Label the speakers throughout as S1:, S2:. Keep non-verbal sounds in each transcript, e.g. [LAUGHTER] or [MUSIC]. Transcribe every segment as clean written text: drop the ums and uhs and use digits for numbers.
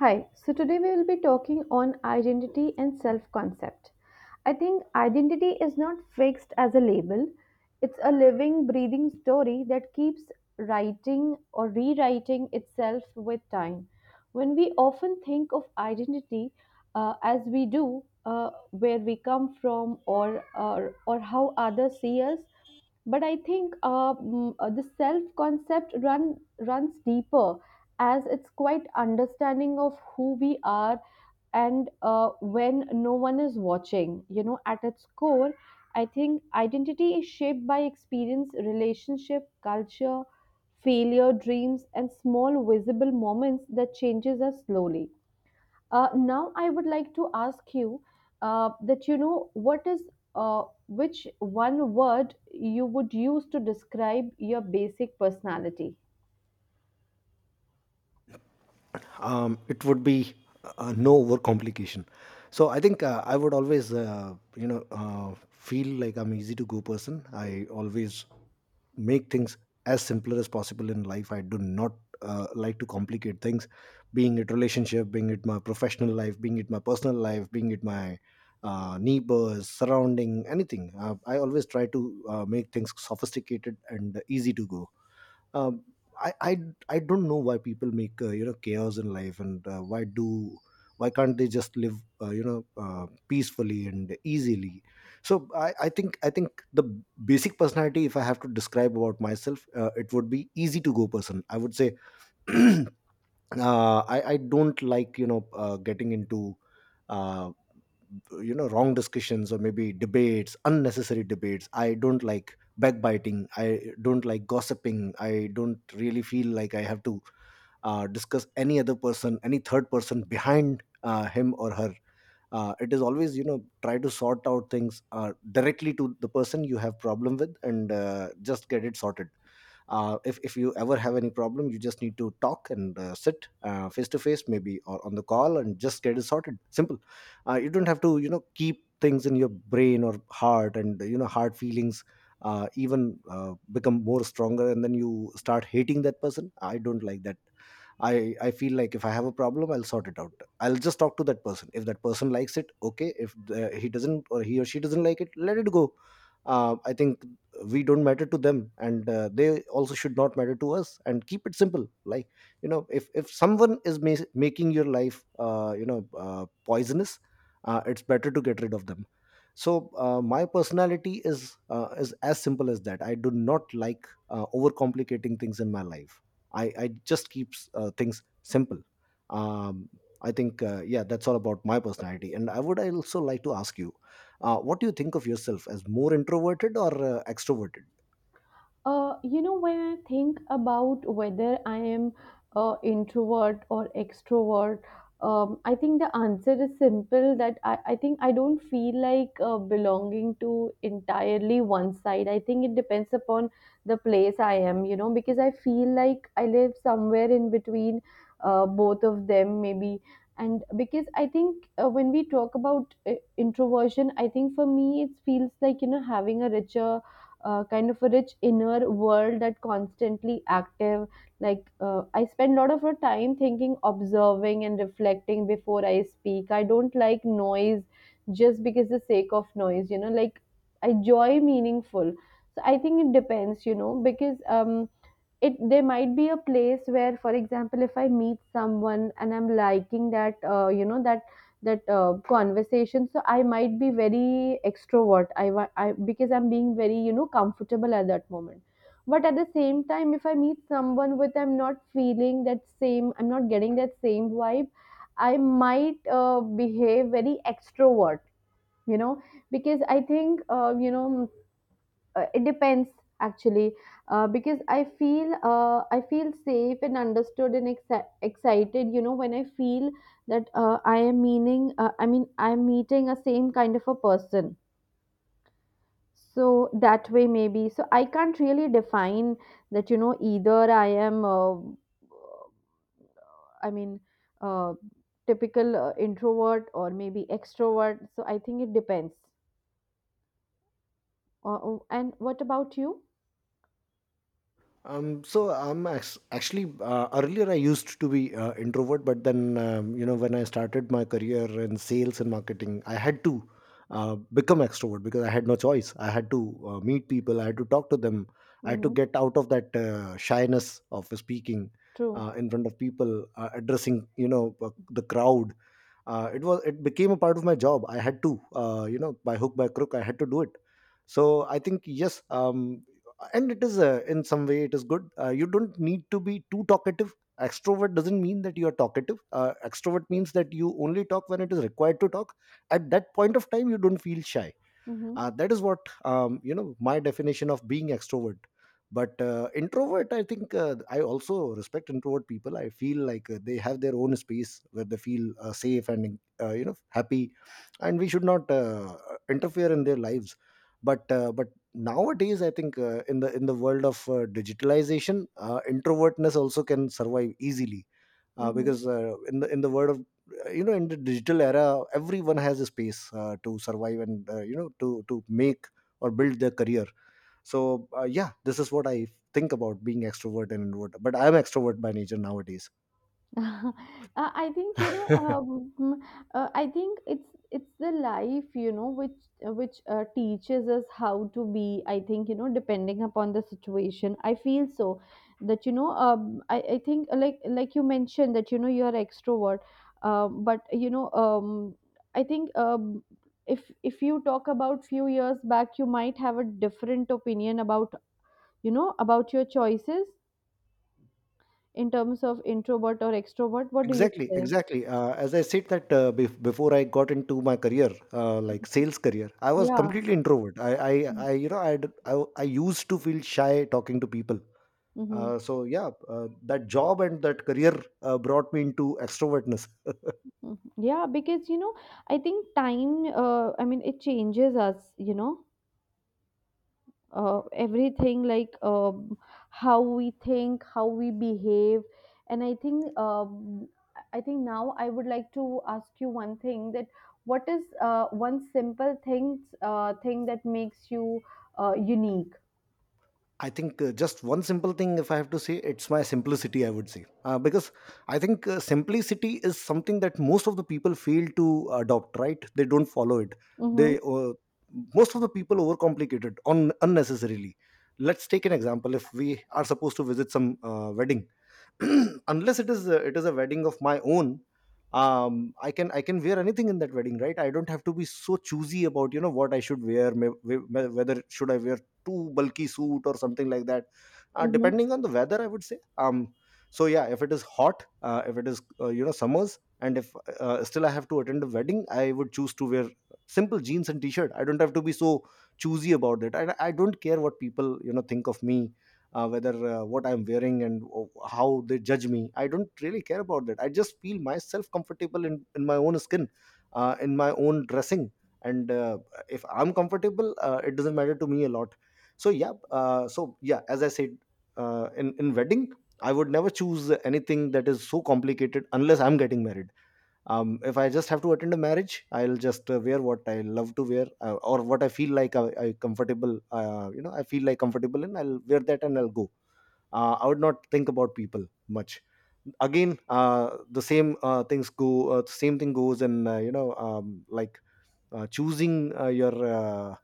S1: Hi, so today we will be talking on identity and self concept. I think identity is not fixed as a label, it's a living, breathing story that keeps writing or rewriting itself with time. When we often think of identity as we do, where we come from or how others see us, but I think the self concept runs deeper as it's quite understanding of who we are and when no one is watching, at its core. I think identity is shaped by experience, relationship, culture, failure, dreams and small visible moments that changes us slowly. Now I would like to ask you that you know what is which one word you would use to describe your basic personality.
S2: It would be no overcomplication. So I think I would always, feel like I'm easy to go person. I always make things as simpler as possible in life. I do not like to complicate things, being it relationship, being it my professional life, being it my personal life, being it my neighbors, surrounding, anything. I always try to make things sophisticated and easy to go. um, I, I I don't know why people make chaos in life, and why do, why can't they just live peacefully and easily. So I think the basic personality, if I have to describe about myself, it would be easy to go person, I would say. [CLEARS THROAT] uh, I don't like, getting into uh, wrong discussions, or maybe debates, unnecessary debates. I don't like backbiting, I don't like gossiping. I don't really feel like I have to discuss any other person, any third person behind him or her. It is always, you know, try to sort out things directly to the person you have problem with, and just get it sorted. If you ever have any problem, you just need to talk and sit face to face, maybe, or on the call, and just get it sorted. Simple. You don't have to, you know, keep things in your brain or heart, and, you know, hard feelings even become more stronger, and then you start hating that person. I don't like that. I feel like if I have a problem, I'll sort it out. I'll just talk to that person. If that person likes it, okay. If the, he doesn't, or he or she doesn't like it, let it go. I think we don't matter to them, and they also should not matter to us. And keep it simple. Like, you know, if someone is making your life, poisonous, it's better to get rid of them. So my personality is, is as simple as that. I do not like overcomplicating things in my life. I just keeps things simple. um, I think, yeah, that's all about my personality, and I would also like to ask you, what do you think of yourself? As more introverted or extroverted?
S1: You know, when I think about whether I am introvert or extrovert, I think the answer is simple that I think I don't feel like belonging to entirely one side. I think it depends upon the place I am, you know, because I feel like I live somewhere in between both of them, maybe. And because I think when we talk about introversion, I think for me it feels like, you know, having a richer kind of a rich inner world that constantly active. Like I spend a lot of time thinking, observing and reflecting before I speak. I don't like noise just because the sake of noise, like I enjoy meaningful. So I think it depends, you know, because it there might be a place where for example if I meet someone and I'm liking that that that conversation, so I might be very extrovert. I, because I'm being very, you know, comfortable at that moment. But at the same time if I meet someone with I'm not feeling that same, I'm not getting that same vibe, I might behave very extrovert, you know, because I think it depends, actually. Because I feel I feel safe and understood and excited, you know, when I feel that I mean I'm meeting a same kind of a person. So that way maybe, so I can't really define that, you know, either I am i mean uh, typical introvert or maybe extrovert. So I think it depends. And what about you?
S2: So I'm actually, earlier I used to be introvert, but then, you know, when I started my career in sales and marketing, I had to become extrovert because I had no choice. I had to meet people, I had to talk to them, I had to
S1: Mhm.
S2: get out of that shyness of speaking
S1: True.
S2: in front of people, addressing, you know, the crowd. It was, it became a part of my job. I had to, you know, by hook by crook, I had to do it. So I think yes. And it is, in some way it is good. You don't need to be too talkative. Extrovert doesn't mean that you are talkative. Extrovert means that you only talk when it is required to talk. At that point of time, you don't feel shy.
S1: Mhm.
S2: That is what, you know, my definition of being extrovert. But, introvert, I think, I also respect introvert people. I feel like they have their own space where they feel safe and you know, happy, and we should not interfere in their lives. But But nowadays I think, in the world of digitalization, introvertness also can survive easily, uh,
S1: Mhm.
S2: because uh, in the in the world of, in the digital era, everyone has a space to survive, and you know to make or build their career. So, yeah, this is what I think about being extrovert and introvert. But I'm extrovert by nature nowadays.
S1: [LAUGHS] I think, you know.
S2: [LAUGHS]
S1: I think it's the life, you know, which teaches us how to be. I think, you know, depending upon the situation. I feel so that, you know. I think like you mentioned that, you know, you are extrovert, but you know. I think, if you talk about few years back, you might have a different opinion about, you know, about your choices in terms of introvert or extrovert. What do you
S2: Exactly,
S1: say?
S2: exactly. As I said, that before I got into my career, like sales career, I was
S1: Yeah.
S2: completely introvert. I,
S1: Mhm.
S2: you know, I used to feel shy talking to people.
S1: Mhm.
S2: So yeah, that job and that career brought me into extrovertness.
S1: Mhm. Yeah, because, you know, I think time, I mean, it changes us, you know, everything like how we think, how we behave. And I think now I would like to ask you one thing that what is one simple thing that makes you unique?
S2: I think, just one simple thing, if I have to say, it's my simplicity, I would say, because I think, simplicity is something that most of the people fail to adopt. Right? They don't follow it.
S1: Mm-hmm.
S2: They Most of the people overcomplicate it on unnecessarily. Let's take an example. If we are supposed to visit some wedding, [CLEARS THROAT] unless it is a, it is a wedding of my own, I can, I can wear anything in that wedding, right? I don't have to be so choosy about, you know, what I should wear. Whether should I wear too bulky suit or something like that,
S1: Mm-hmm.
S2: depending on the weather, I would say. So yeah, if it is hot, if it is, summers, and if still I have to attend a wedding, I would choose to wear simple jeans and t-shirt. I don't have to be so choosy about it, and I don't care what people, you know, think of me. Whether, what I'm wearing, and how they judge me, I don't really care about that. I just feel myself comfortable in my own skin, in my own dressing. And if I'm comfortable, it doesn't matter to me a lot. So yeah, so yeah, as I said, in wedding, I would never choose anything that is so complicated unless I'm getting married. If I just have to attend a marriage, I'll just wear what I love to wear, or what I feel like I comfortable, I feel like comfortable in, I'll wear that and I'll go. I would not think about people much. Again, the same things go same thing goes in, like, choosing your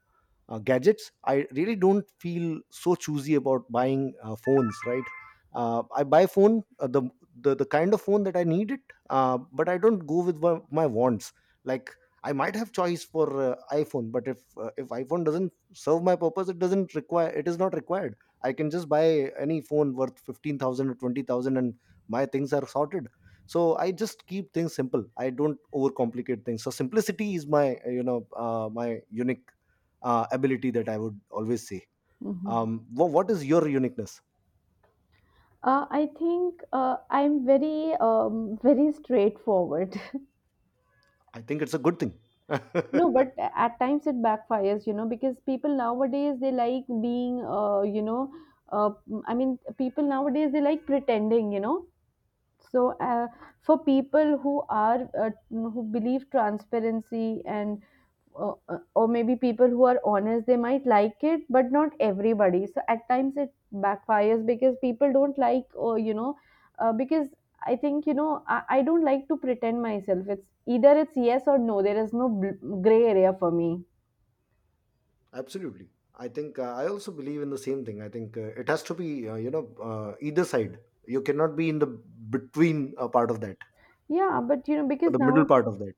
S2: gadgets. I really don't feel so choosy about buying phones, right? I buy phone, the kind of phone that I need it. But I don't go with my wants, like, I might have choice for iPhone, but if, if iPhone doesn't serve my purpose, it doesn't require, it is not required. I can just buy any phone worth 15,000 or 20,000, and my things are sorted. So I just keep things simple. I don't overcomplicate things. So simplicity is my, my unique ability, that I would always say.
S1: Mm-hmm.
S2: What is your uniqueness?
S1: I think I'm very, very straightforward. [LAUGHS]
S2: I think it's a good thing.
S1: No, but at times it backfires, you know, because people nowadays they like being, uh, I mean, people nowadays they like pretending, you know. So for people who are who believe transparency and or maybe people who are honest, they might like it, but not everybody. So at times it backfires because people don't like, or you know because I think, you know, I don't like to pretend myself. It's either it's yes or no. There is no gray area for me.
S2: [LAUGHS] Absolutely. I think, I also believe in the same thing. I think, it has to be, either side. You cannot be in the between part of that,
S1: Yeah, but you know, because
S2: the middle
S1: now.
S2: part of that.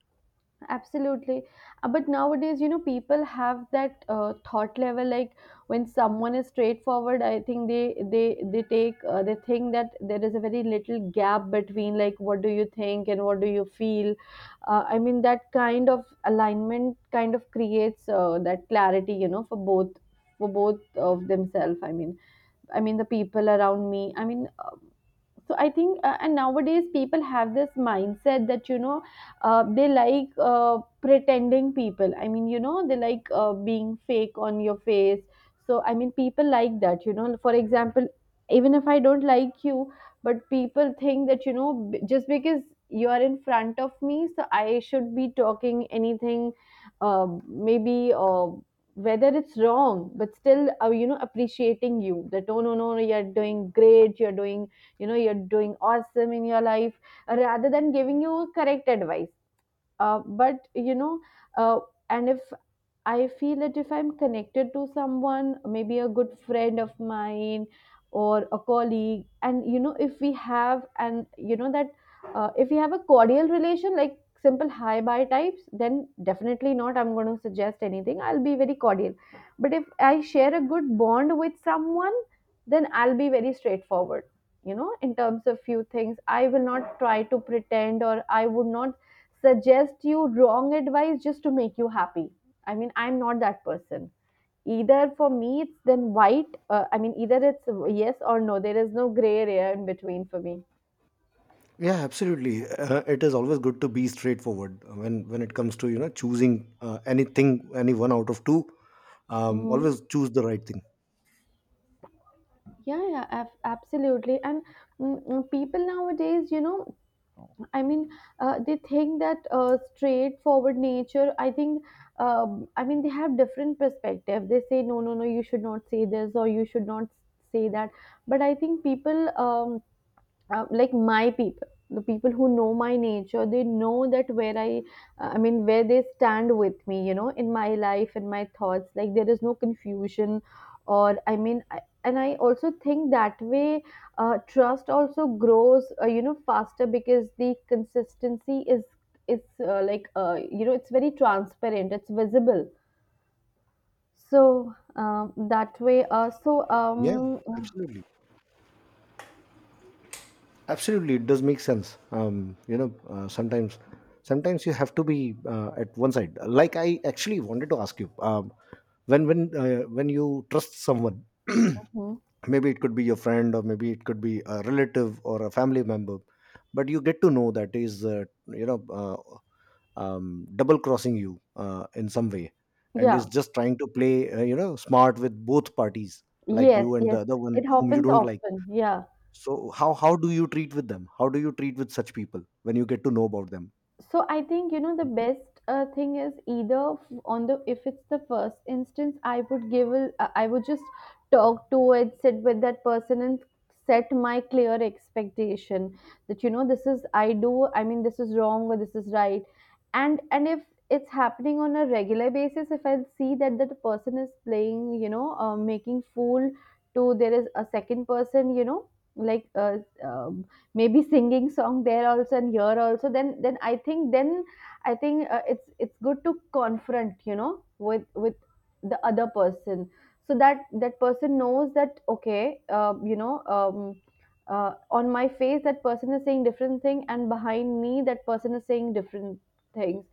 S1: Absolutely. But nowadays, you know, people have that thought level. Like when someone is straightforward, I think they take they think that there is a very little gap between like what do you think and what do you feel. I mean, that kind of alignment kind of creates that clarity, you know, for both of themselves. I mean the people around me. I mean. So I think and nowadays people have this mindset that, you know, they like pretending people. I mean, you know, they like being fake on your face. So I mean, people like that, you know. For example, even if I don't like you, but people think that, you know, just because you are in front of me, so I should be talking anything. uh, Maybe, uh, whether it's wrong but still you know, appreciating you that oh no no no, you're doing great, you're doing, you know, you're doing awesome in your life, rather than giving you correct advice. But you know uh, and if I feel that if I'm connected to someone, maybe a good friend of mine or a colleague, and you know, if we have, and you know, that if we have a cordial relation, like simple hi bye types, then definitely not. I'm going to suggest anything. I'll be very cordial. But if I share a good bond with someone, then I'll be very straightforward, you know, in terms of few things. I will not try to pretend or I would not suggest you wrong advice just to make you happy. I mean, I'm not that person. Either for me, it's then white. I mean, either it's yes or no. There is no gray area in between for me.
S2: Yeah, absolutely. It is always good to be straightforward when it comes to, you know, choosing anything, any one out of two.
S1: Hmm.
S2: Always choose the right thing.
S1: Yeah, yeah, absolutely. And people nowadays, you know, I mean, they think that straightforward nature. I think, I mean, they have different perspective. They say, no, no, no, you should not say this or you should not say that. But I think people. Like my people, the people who know my nature, they know that where I I mean where they stand with me, you know, in my life, in my thoughts, like there is no confusion. Or I mean and I also think that way trust also grows you know, faster because the consistency is like you know, it's very transparent, it's visible. So that way, so
S2: Yeah,
S1: um.
S2: absolutely, absolutely. It does make sense. You know, sometimes you have to be at one side. Like, I actually wanted to ask you, when you trust someone,
S1: Mhm.
S2: [CLEARS THROAT] maybe it could be your friend, or maybe it could be a relative or a family member, but you get to know that is, double crossing you in some way, and is
S1: Yeah.
S2: just trying to play, smart with both parties, like
S1: Yes,
S2: you and the
S1: yes,
S2: other one
S1: it
S2: whom you
S1: happens
S2: don't like.
S1: often, yeah.
S2: So how do you treat with them? How do you treat with such people when you get to know about them?
S1: So I think, you know, the best thing is either on the, if it's the first instance, I would give a, I would just talk to it, sit with that person and set my clear expectation that, you know, this is I do, I mean this is wrong or this is right. And if it's happening on a regular basis, if I see that that person is playing, you know, making fool to, there is a second person, you know, like um maybe singing song there also and here also, then I think then I think it's good to confront, you know, with the other person, so that that person knows that okay, on my face that person is saying different thing and behind me that person is saying different things.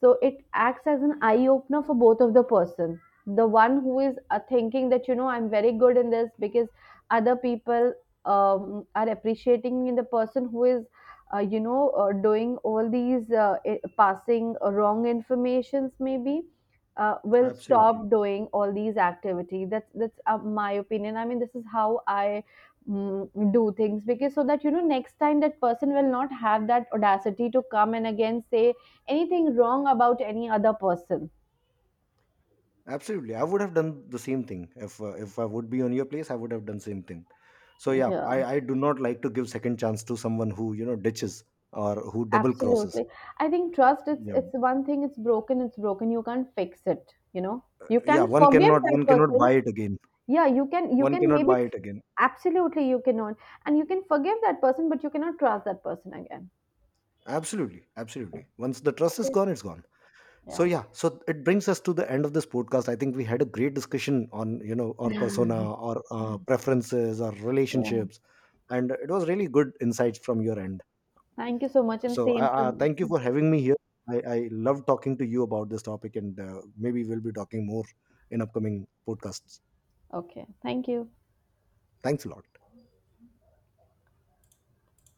S1: So it acts as an eye opener for both of the person. The one who is thinking that, you know, I'm very good in this because other people are appreciating. The person who is doing all these passing wrong informations maybe will
S2: Absolutely,
S1: stop doing all these activity. That's my opinion. I mean, this is how I do things, because so that, you know, next time that person will not have that audacity to come and again say anything wrong about any other person.
S2: absolutely. I would have done the same thing. If, if I would be on your place, I would have done same thing. So yeah,
S1: Yeah.
S2: I do not like to give second chance to someone who, you know, ditches or who double crosses.
S1: Absolutely. I think trust,
S2: Yeah,
S1: it's one thing, it's broken, it's broken. You can't fix it, you know. You
S2: yeah,
S1: can
S2: one
S1: forgive
S2: cannot
S1: that
S2: one cannot
S1: person.
S2: buy it again.
S1: Yeah, you can, you
S2: One
S1: can
S2: cannot
S1: maybe
S2: buy it again.
S1: absolutely you cannot. And you can forgive that person, but you cannot trust that person again.
S2: Absolutely, absolutely. Once the trust is
S1: Okay.
S2: gone, it's gone. So
S1: Yeah.
S2: yeah, so it brings us to the end of this podcast. I think we had a great discussion on, you know, our persona,
S1: [LAUGHS]
S2: our preferences, our
S1: Yeah.
S2: relationships, and it was really good insights from your end.
S1: Thank you so much and
S2: So
S1: same
S2: I
S1: from
S2: thank you for having me here. I love talking to you about this topic, and maybe we'll be talking more in upcoming podcasts.
S1: okay. Thank you.
S2: Thanks a lot.